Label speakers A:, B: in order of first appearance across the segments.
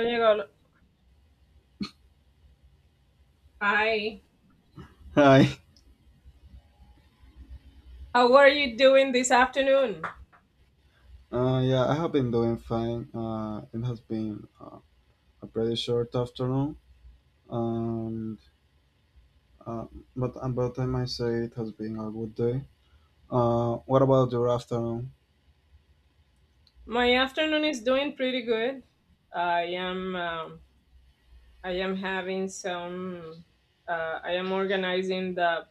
A: And you go, hi,
B: Hi.
A: how are you doing this afternoon?
B: Yeah, I have been doing fine. It has been a pretty short afternoon, and uh, but I might say it has been a good day. What about your afternoon?
A: My afternoon is doing pretty good. I am um, I am having some I am organizing the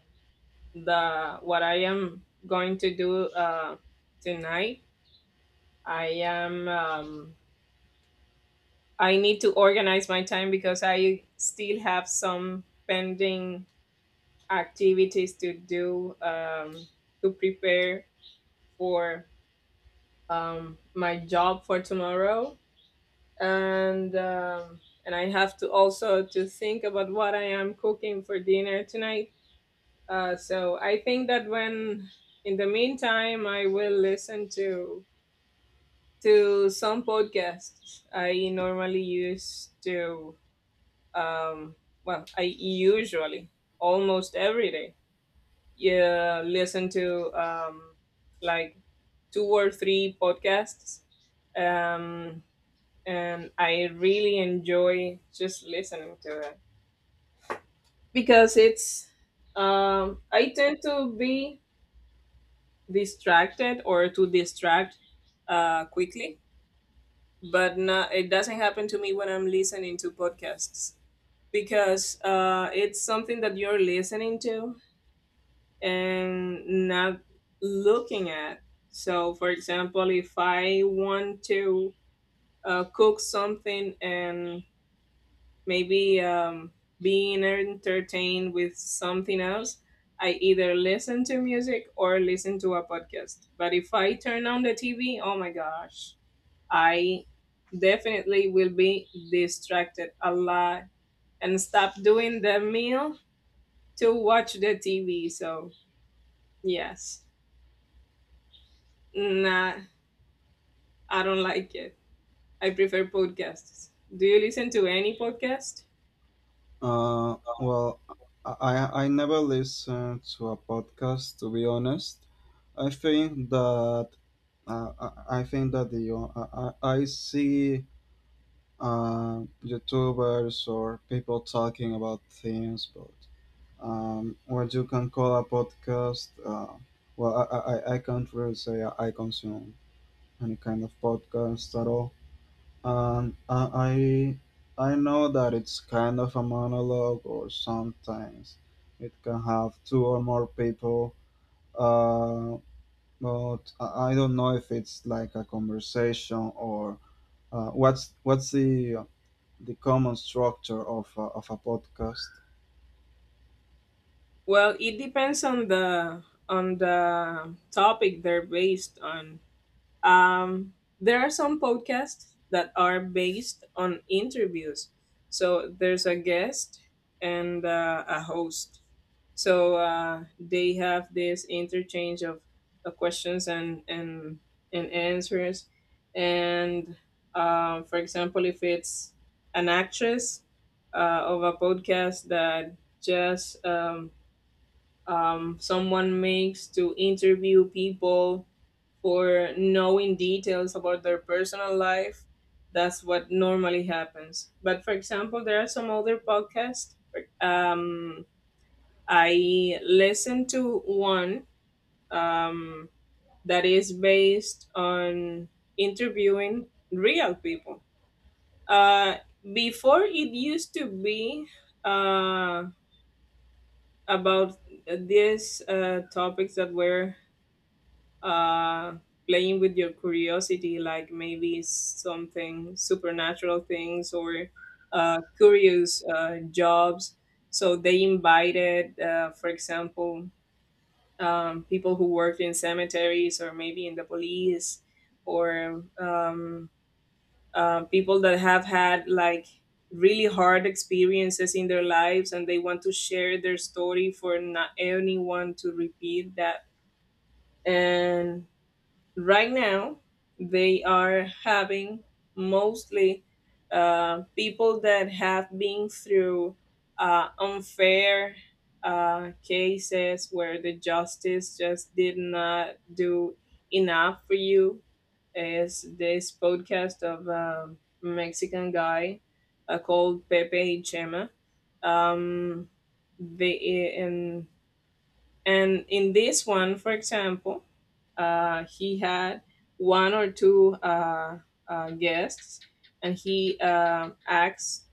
A: the what I am going to do tonight. I am I need to organize my time because I still have some pending activities to do to prepare for my job for tomorrow and um, and I have to also to think about what I am cooking for dinner tonight. So I think that when in the meantime I will listen to some podcasts I normally use to um, well, I usually almost every day, yeah, listen to like two or three podcasts. um and I really enjoy just listening to it, because it's I tend to be distracted or to distract quickly, but no, it doesn't happen to me when I'm listening to podcasts because it's something that you're listening to and not looking at. So, for example, if I want to cook something and maybe being entertained with something else, I either listen to music or listen to a podcast. But if I turn on the TV, oh my gosh, I definitely will be distracted a lot and stop doing the meal to watch the TV. So, yes, nah, I don't like it. I prefer podcasts. Do you listen to any podcast?
B: Well, I never listen to a podcast, to be honest. I think that I think that the I see YouTubers or people talking about things, but what you can call a podcast, well, I can't really say I consume any kind of podcast at all. And I know that it's kind of a monologue, or sometimes it can have two or more people. Uh, but I don't know if it's like a conversation or what's the common structure of a podcast.
A: Well, it depends on the topic they're based on. Um, there are some podcasts that are based on interviews. So there's a guest and a host. So they have this interchange of questions and and answers. And for example, if it's an actress of a podcast that just someone makes to interview people for knowing details about their personal life. That's what normally happens. But for example, there are some other podcasts. Um, I listened to one um, that is based on interviewing real people. Uh, Before it used to be uh, about these topics that were uh, playing with your curiosity, like maybe something supernatural things or curious jobs. So they invited, for example, people who worked in cemeteries or maybe in the police or people that have had like really hard experiences in their lives, and they want to share their story for not anyone to repeat that. And right now they are having mostly people that have been through unfair cases where the justice just did not do enough for you. Is this podcast of a Mexican guy called Pepe Chema. Um, they and and in this one, for example, he had one or two guests, and he asked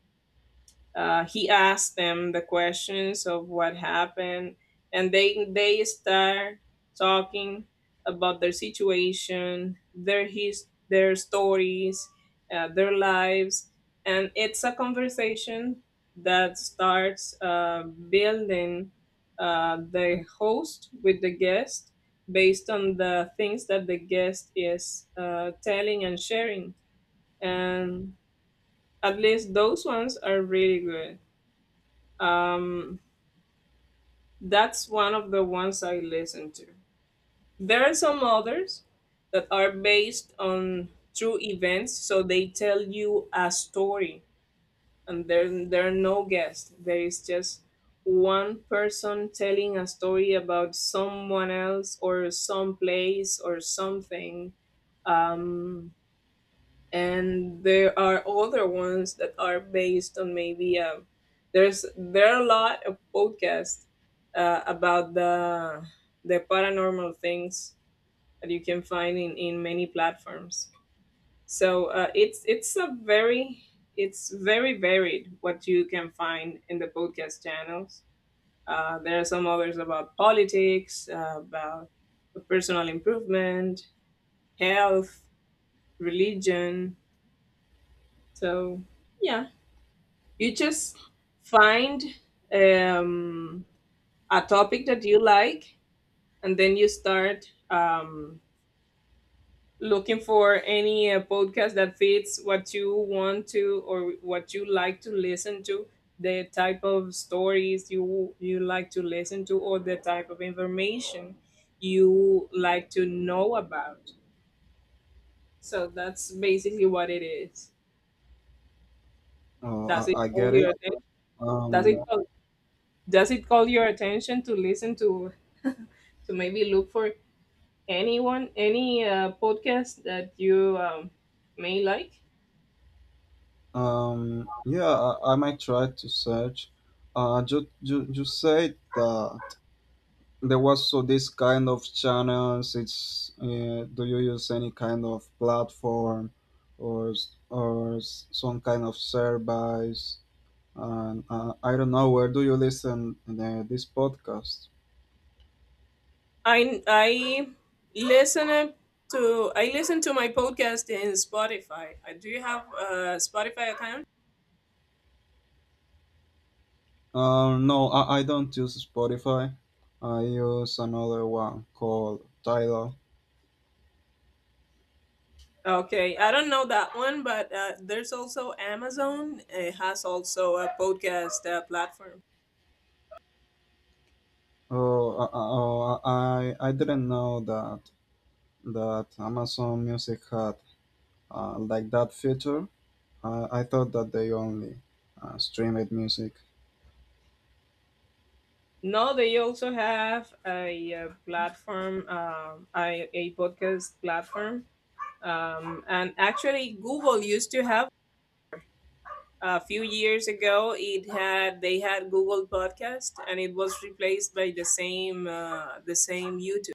A: he asked them the questions of what happened, and they start talking about their situation, their stories, their lives. And it's a conversation that starts building the host with the guest, based on the things that the guest is telling and sharing. And at least those ones are really good. um, that's one of the ones I listen to. There are some others that are based on true events, so they tell you a story, and there are no guests. There is just one person telling a story about someone else or some place or something. Um, and there are other ones that are based on maybe there's there are a lot of podcasts about the paranormal things that you can find in many platforms. It's a very it's very varied what you can find in the podcast channels. There are some others about politics, about personal improvement, health, religion. So yeah, you just find um, a topic that you like, and then you start looking for any podcast that fits what you want to or what you like to listen to, the type of stories you like to listen to, or the type of information you like to know about. So that's basically what it is.
B: Uh,
A: Does it
B: I, I
A: call
B: get
A: your
B: it.
A: attention? Does it
B: Um,
A: call, does it call your attention to listen to maybe look for anyone, any podcast that you may like.
B: yeah, I might try to search. You said that there was so this kind of channels. It's do you use any kind of platform or some kind of service? And I don't know, where do you listen this podcast?
A: I I listen I listen to my podcast in Spotify. Do you have a Spotify account?
B: No, I don't use Spotify. I use another one called Tidal.
A: Okay, I don't know that one, but there's also Amazon. It has also a podcast platform.
B: Oh, I didn't know that Amazon Music had like that feature. I thought that they only streamed music.
A: No, they also have a, platform, a podcast platform. And actually, Google used to have a few years ago. It had they had Google Podcast, and it was replaced by the same YouTube.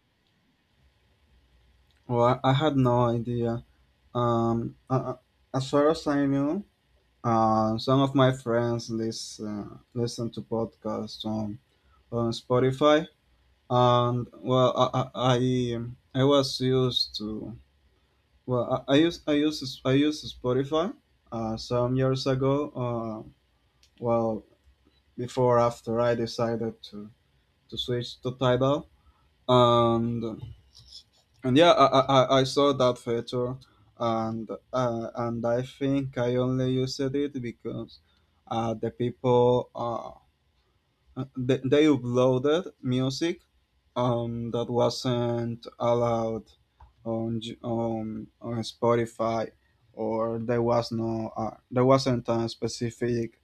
B: Well, I had no idea. Um, uh, uh, as far as I knew, some of my friends listen to podcasts on Spotify, and I was used to, I used Spotify some years ago, well before after I decided to switch to Tidal, and yeah, I saw that feature. And and I only used it because the people they uploaded music that wasn't allowed on Spotify, or there was no there wasn't a specific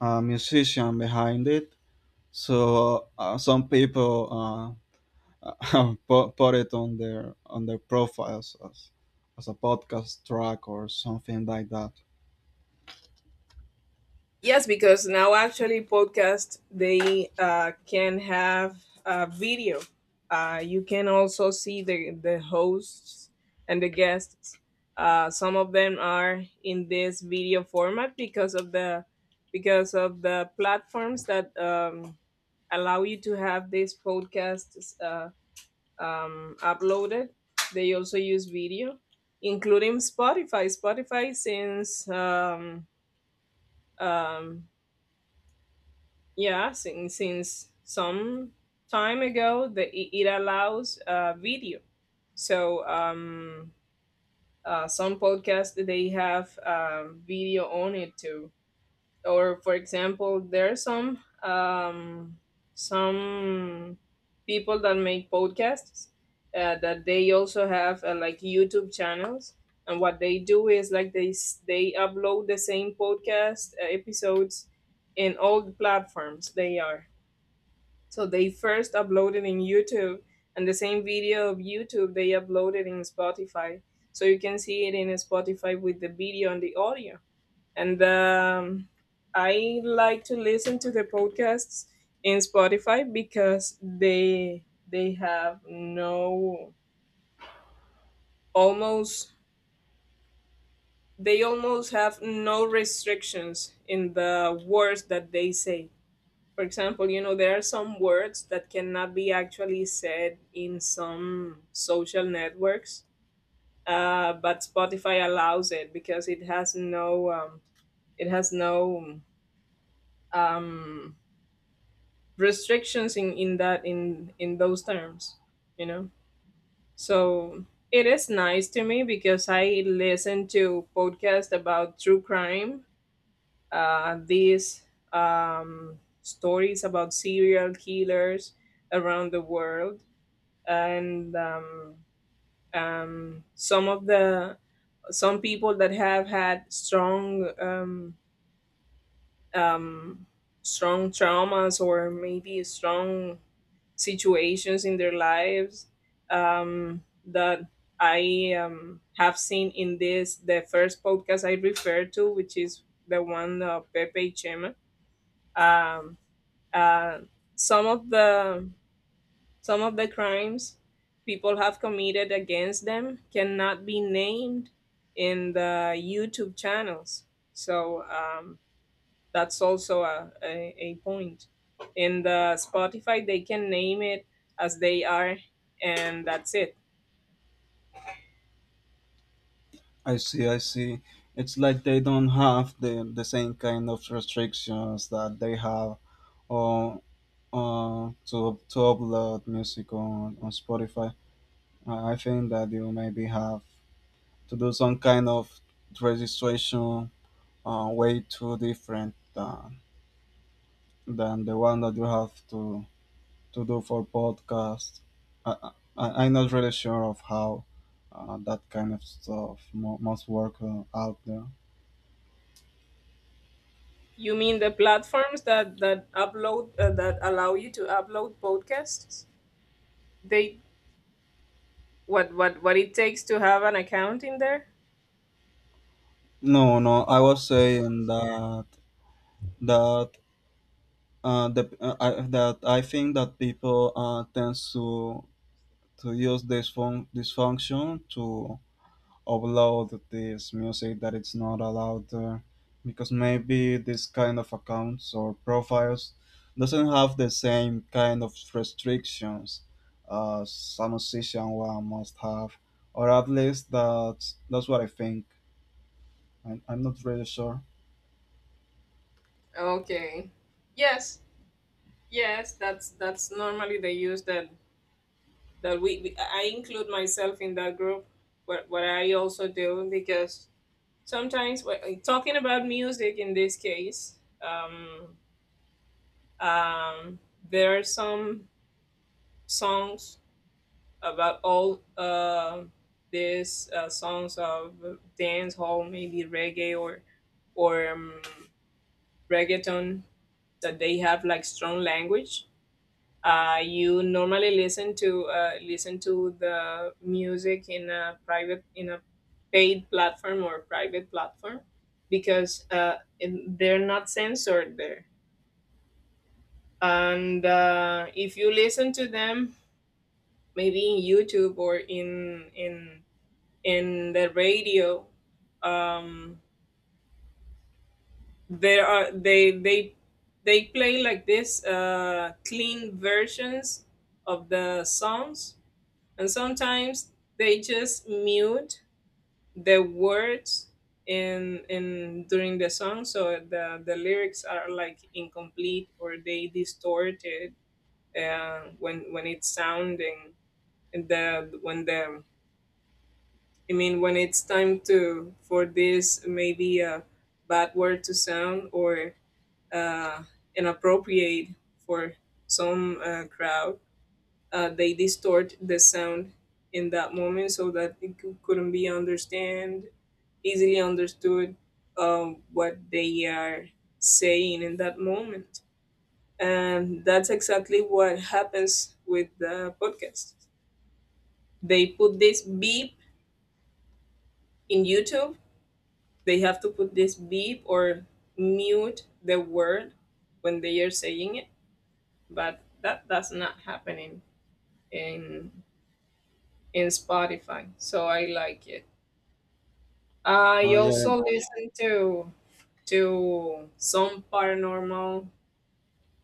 B: musician behind it. So some people put it on their profiles as a podcast track or something like that.
A: Yes, because now actually podcast they can have video. You can also see the hosts and the guests. Some of them are in this video format because of the platforms that allow you to have these podcasts uploaded. They also use video, including Spotify. Spotify since um, yeah, since some time ago, it allows video. So some podcasts they have video on it too. Or for example, there are some some people that make podcasts that they also have like YouTube channels. And what they do is like they upload the same podcast episodes in all the platforms they are. So they first uploaded in YouTube, and the same video of YouTube they uploaded in Spotify. So you can see it in Spotify with the video and the audio. And I like to listen to the podcasts in Spotify because they have no almost they almost have no restrictions in the words that they say. For example, you know there are some words that cannot be actually said in some social networks, but Spotify allows it because it has no um, restrictions in that in those terms, you know. So it is nice to me because I listen to podcasts about true crime, these stories about serial killers around the world, and some of the some people that have had strong um, strong traumas or maybe strong situations in their lives, that I have seen in this, the first podcast I referred to, which is the one of Pepe Chema. Um, uh, some of the crimes people have committed against them cannot be named in the YouTube channels. So that's also a point. In the Spotify they can name it as they are, and that's it.
B: I see, I see. It's like they don't have the same kind of restrictions that they have on to upload music on Spotify. I think that you maybe have to do some kind of registration way too different than the one that you have to do for podcast. I, I'm not really sure of how that kind of stuff must work out there.
A: You mean the platforms that upload that allow you to upload podcasts, they what it takes to have an account in there.
B: No, no, I was saying that that I think that people tends to use this function to upload this music that it's not allowed there because maybe this kind of accounts or profiles doesn't have the same kind of restrictions as a musician one must have, or at least that's what I think. I'm not really sure.
A: Okay, yes, yes, that's normally the use that we I include myself in that group. What I also do because sometimes, well, talking about music in this case, um, there are some songs about all these songs of dance hall, maybe reggae or or um, reggaeton, that they have like strong language. You normally listen to, listen to the music in a private, in a paid platform or private platform, because they're not censored there. And if you listen to them maybe in YouTube or in the radio, um, there are they they play like this clean versions of the songs. And sometimes they just mute the words in during the song, so the lyrics are like incomplete or they distorted when it's sounding. And the when the I mean when it's time to for this maybe a bad word to sound or uh, inappropriate for some crowd, they distort the sound in that moment, so that couldn't be understand easily understood what they are saying in that moment. And that's exactly what happens with the podcast. They put this beep in YouTube. They have to put this beep or mute the word when they are saying it, but that that's not happening in Spotify, so I like it. I
B: Oh yeah,
A: also listen to some paranormal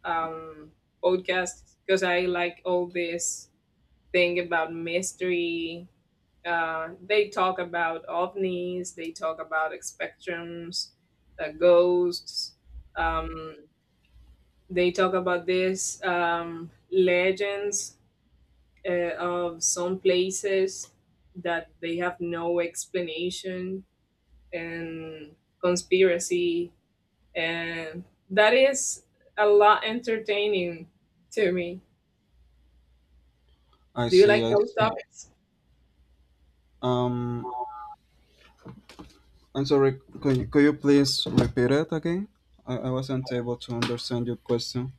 A: um podcasts because I like all this thing about mystery. They talk about ovnis. They talk about spectrums, ghosts. Um, they talk about this legends of some places that they have no explanation, and conspiracy, and that is a lot entertaining to me.
B: I
A: Do you
B: see.
A: like
B: I
A: those
B: see.
A: topics?
B: Um, I'm sorry. Could you please repeat it again? I wasn't able to understand your question.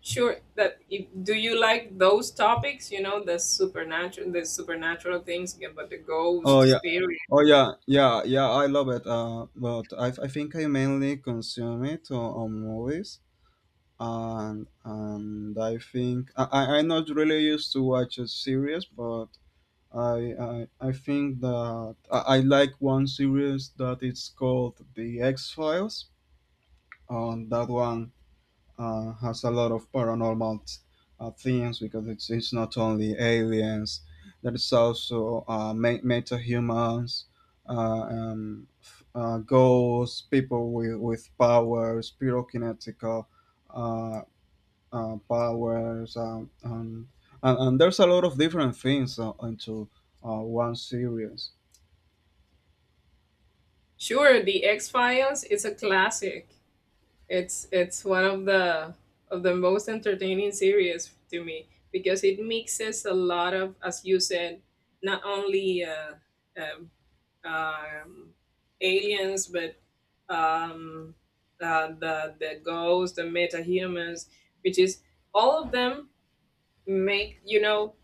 A: Sure. That if, do you like those topics? You know, the supernatural things, yeah, but the ghost,
B: Oh yeah.
A: spirit.
B: Oh yeah. Yeah. Yeah. I love it. But I think I mainly consume it on movies, and I think I'm not really used to watch a series, but I think that I like one series that it's called The X Files. On that one, has a lot of paranormal themes because it's not only aliens, there is also meta humans, ghosts, people with powers, pyrokinetical uh, powers, and there's a lot of different things into one series.
A: Sure, the X Files is a classic. It's one of the most entertaining series to me because it mixes a lot of, as you said, not only um, um, aliens but um, the ghosts, the metahumans, which is all of them make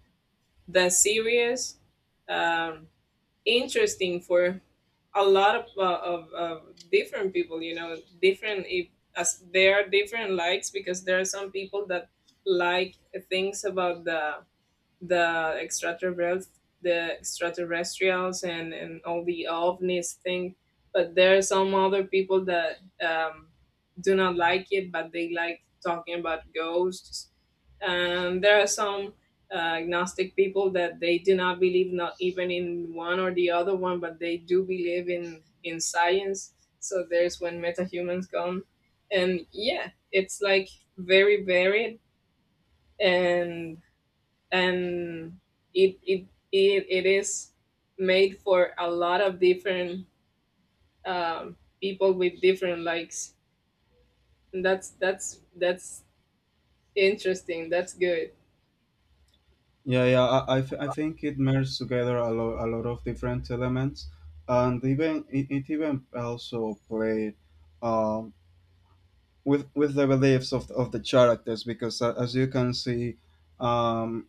A: the series Um, interesting for a lot of, of different people, different, if as there are different likes because there are some people that like things about the extraterrestrials, and all the ovnis thing. But there are some other people that do not like it, but they like talking about ghosts. And there are some agnostic people that they do not believe not even in one or the other one, but they do believe in science. So there's when metahumans come, and yeah, it's like very varied and and it it it is made for a lot of different um, people with different likes. And that's interesting. That's good.
B: Yeah, yeah, I think it merged together a, a lot of different elements, and even it, it even also played um, with the beliefs of the characters because as you can see, um,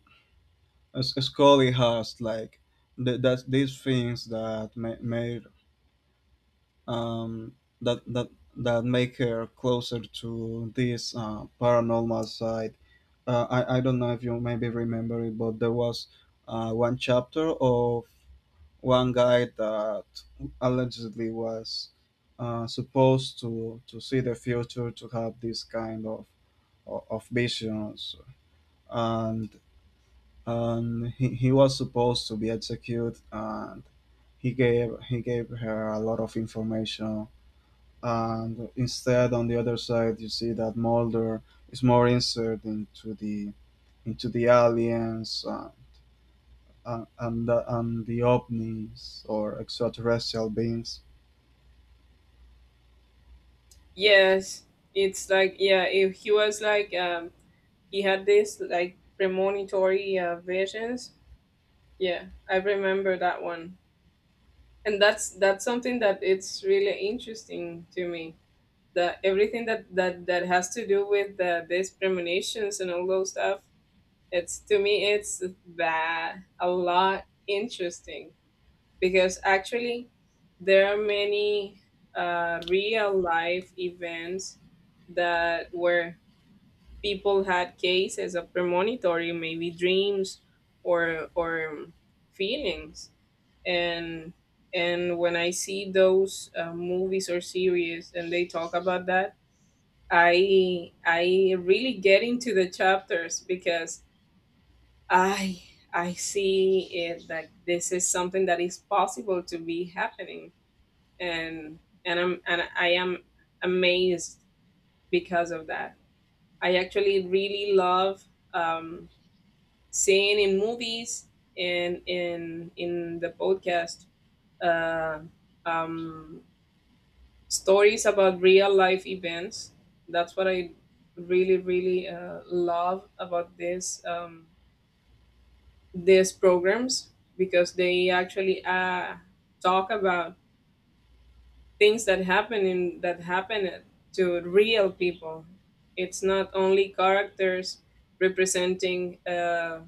B: Scully has like that these things that made, um, that that that make her closer to this paranormal side. I don't know if you maybe remember it, but there was one chapter of one guy that allegedly was supposed to see the future, to have this kind of visions, and and he was supposed to be executed, and he gave her a lot of information, and instead on the other side you see that Mulder is more inserted into the aliens, and the ovnis or extraterrestrial beings.
A: Yes, it's like, yeah. If he was like, he had this like premonitory visions. Yeah, I remember that one, and that's something that it's really interesting to me. That everything that that has to do with these premonitions and all those stuff. It's to me, it's that a lot interesting because actually there are many real life events that where people had cases of premonitory, maybe dreams, or feelings, and when I see those movies or series and they talk about that, I really get into the chapters because I I see it that this is something that is possible to be happening, and I am amazed because of that. I actually really love um, seeing in movies and in the podcast, uh, um, stories about real life events. That's what I really really love about this. These programs because they actually talk about things that happen to real people. It's not only characters representing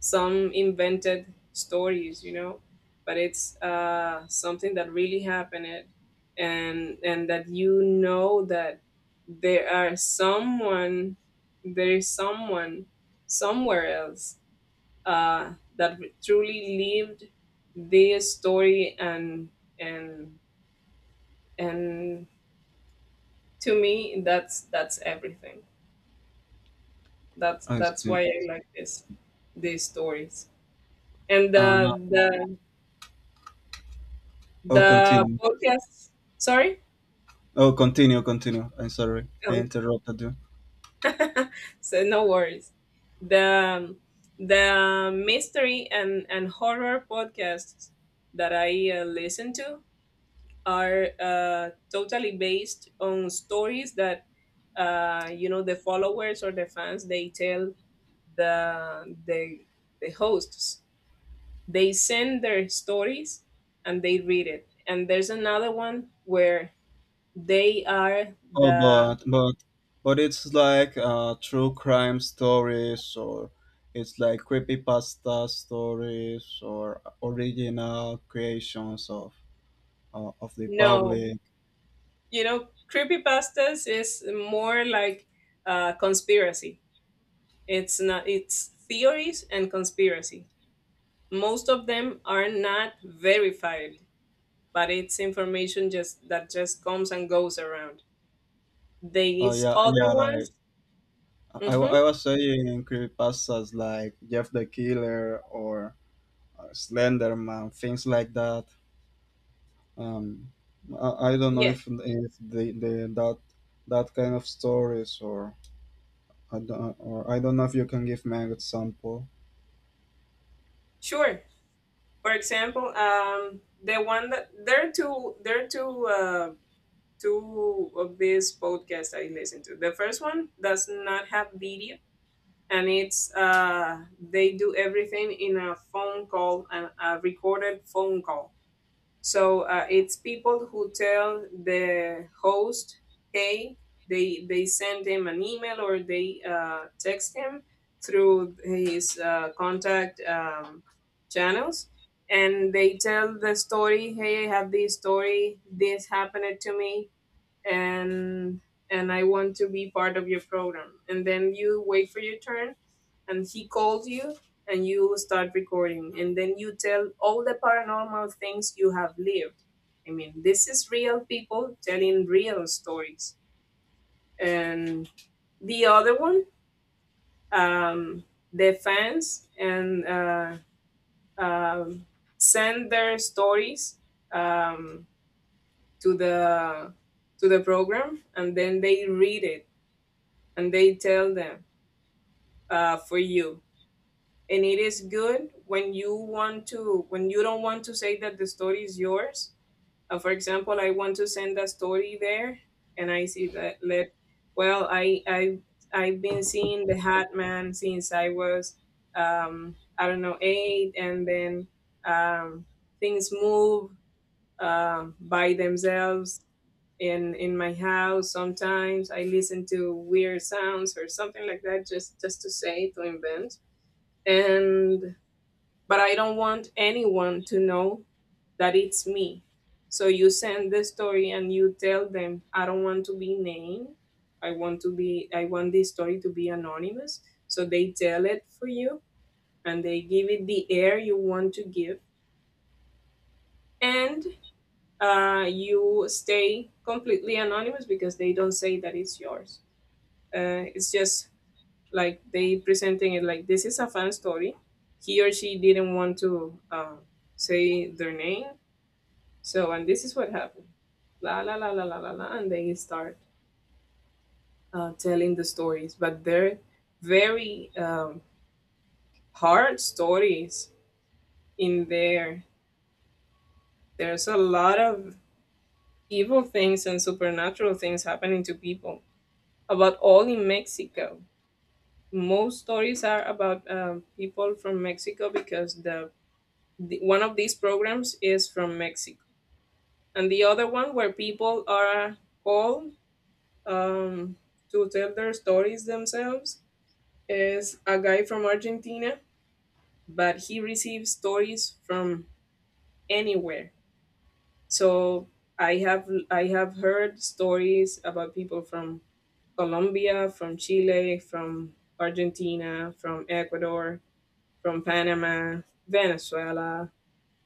A: some invented stories, you know, but it's something that really happened, and that you know that there are someone, there is someone somewhere else that truly lived their story, and and and to me that's everything. that's
B: I
A: that's why
B: see.
A: I like this these stories and the
B: Uh,
A: the
B: oh,
A: the
B: continue.
A: podcast. Sorry.
B: Oh, continue, continue. I'm sorry, I
A: Oh.
B: interrupted you.
A: So no worries. The the mystery and horror podcasts that I listen to are, totally based on stories that, you know, the followers or the fans they tell the the the hosts. They send their stories and they read it. And there's another one where they are
B: Oh,
A: the—
B: but it's like true crime stories, or it's like creepypasta stories, or original creations of the
A: No,
B: public.
A: you know, creepypastas is more like conspiracy. It's not. It's theories and conspiracy. Most of them are not verified, but it's information just that just comes and goes around.
B: Oh
A: These
B: yeah,
A: other
B: yeah.
A: ones,
B: Like
A: mm-hmm,
B: I was saying, creepypastas like Jeff the Killer or Slenderman, things like that. Um, I don't know
A: yes,
B: if the, the that that kind of stories, or I don't, or I don't know if you can give me an example.
A: sure. For example, the one that there are two of these podcasts I listen to. The first one does not have video, and it's they do everything in a phone call, a recorded phone call. So it's people who tell the host, hey, they send him an email or they text him through his contact channels, and they tell the story. Hey, I have this story. This happened to me and I want to be part of your program. And then you wait for your turn, and he calls you, and you start recording. And then you tell all the paranormal things you have lived. I mean, this is real people telling real stories. And the other one, um, the fans and um send their stories um, to the program, and then they read it and they tell them for you. And it is good when you want to, when you don't want to say that the story is yours. For example, I want to send a story there and I see that, let— well, I've been seeing the hat man since I was, I don't know, eight, and then um things move by themselves in my house. Sometimes I listen to weird sounds or something like that, just to say, to invent, and but I don't want anyone to know that it's me. So you send the story and you tell them, I don't want to be named. I want this story to be anonymous. So they tell it for you, and they give it the air you want to give. And you stay completely anonymous because they don't say that it's yours. It's just like they presenting it like, this is a fan story, he or she didn't want to say their name, so, and this is what happened, la la la la la la la, and they start telling the stories. But they're very hard stories. In there, there's a lot of evil things and supernatural things happening to people, about all in Mexico. Most stories are about, people from Mexico because one of these programs is from Mexico, and the other one where people are called um, to tell their stories themselves is a guy from Argentina, but he receives stories from anywhere. So I have heard stories about people from Colombia, from Chile, from Argentina, from Ecuador, from Panama, Venezuela,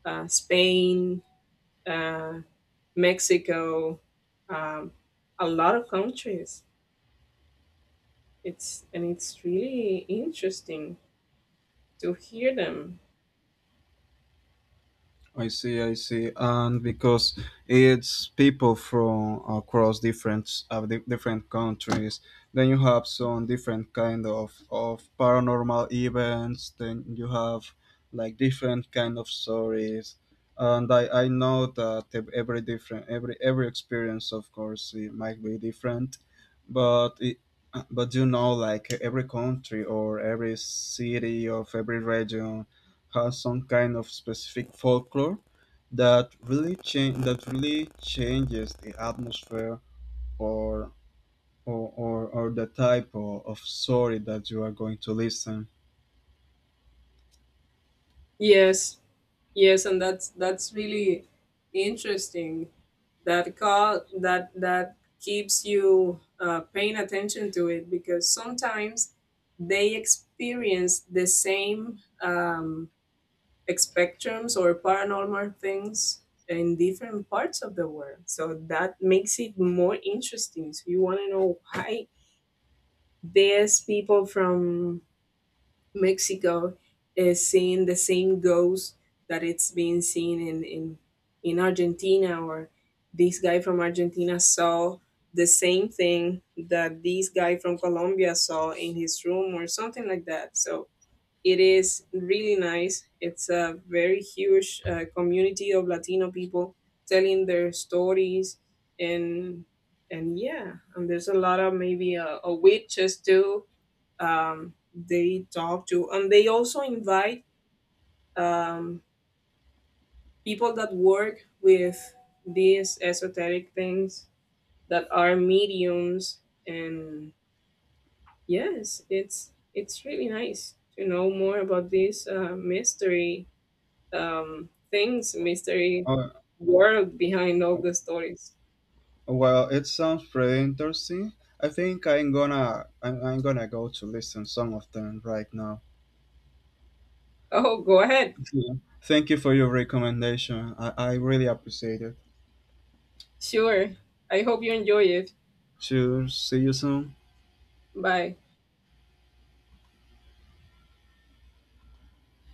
A: Spain, uh, Mexico, um, a lot of countries. It's, and it's really interesting to hear them.
B: I see, and because it's people from across different different countries, then you have some different kind of paranormal events. Then you have like different kind of stories, and I know that every different every experience, of course, it might be different, but it, but you know, like every country or every city of every region has some kind of specific folklore that really change that really changes the atmosphere, or or the type of story that you are going to listen.
A: Yes, yes, and that's really interesting. That call, that that keeps you paying attention to it because sometimes they experience the same. Like spectrums or paranormal things in different parts of the world. So that makes it more interesting. So you want to know why there's people from Mexico is seeing the same ghost that it's being seen in in Argentina, or this guy from Argentina saw the same thing that this guy from Colombia saw in his room or something like that. So it is really nice. It's a very huge community of Latino people telling their stories, and and yeah, and there's a lot of maybe a witches too. They talk to, and they also invite um, people that work with these esoteric things that are mediums, and yes, it's really nice to know more about this mystery things, mystery
B: Uh,
A: world behind all the stories.
B: well, it sounds pretty interesting. I think I'm gonna go to listen some of them right now.
A: Oh, go ahead.
B: Yeah. Thank you for your recommendation. I really appreciate it.
A: Sure. I hope you enjoy it.
B: Cheers. See you soon.
A: Bye.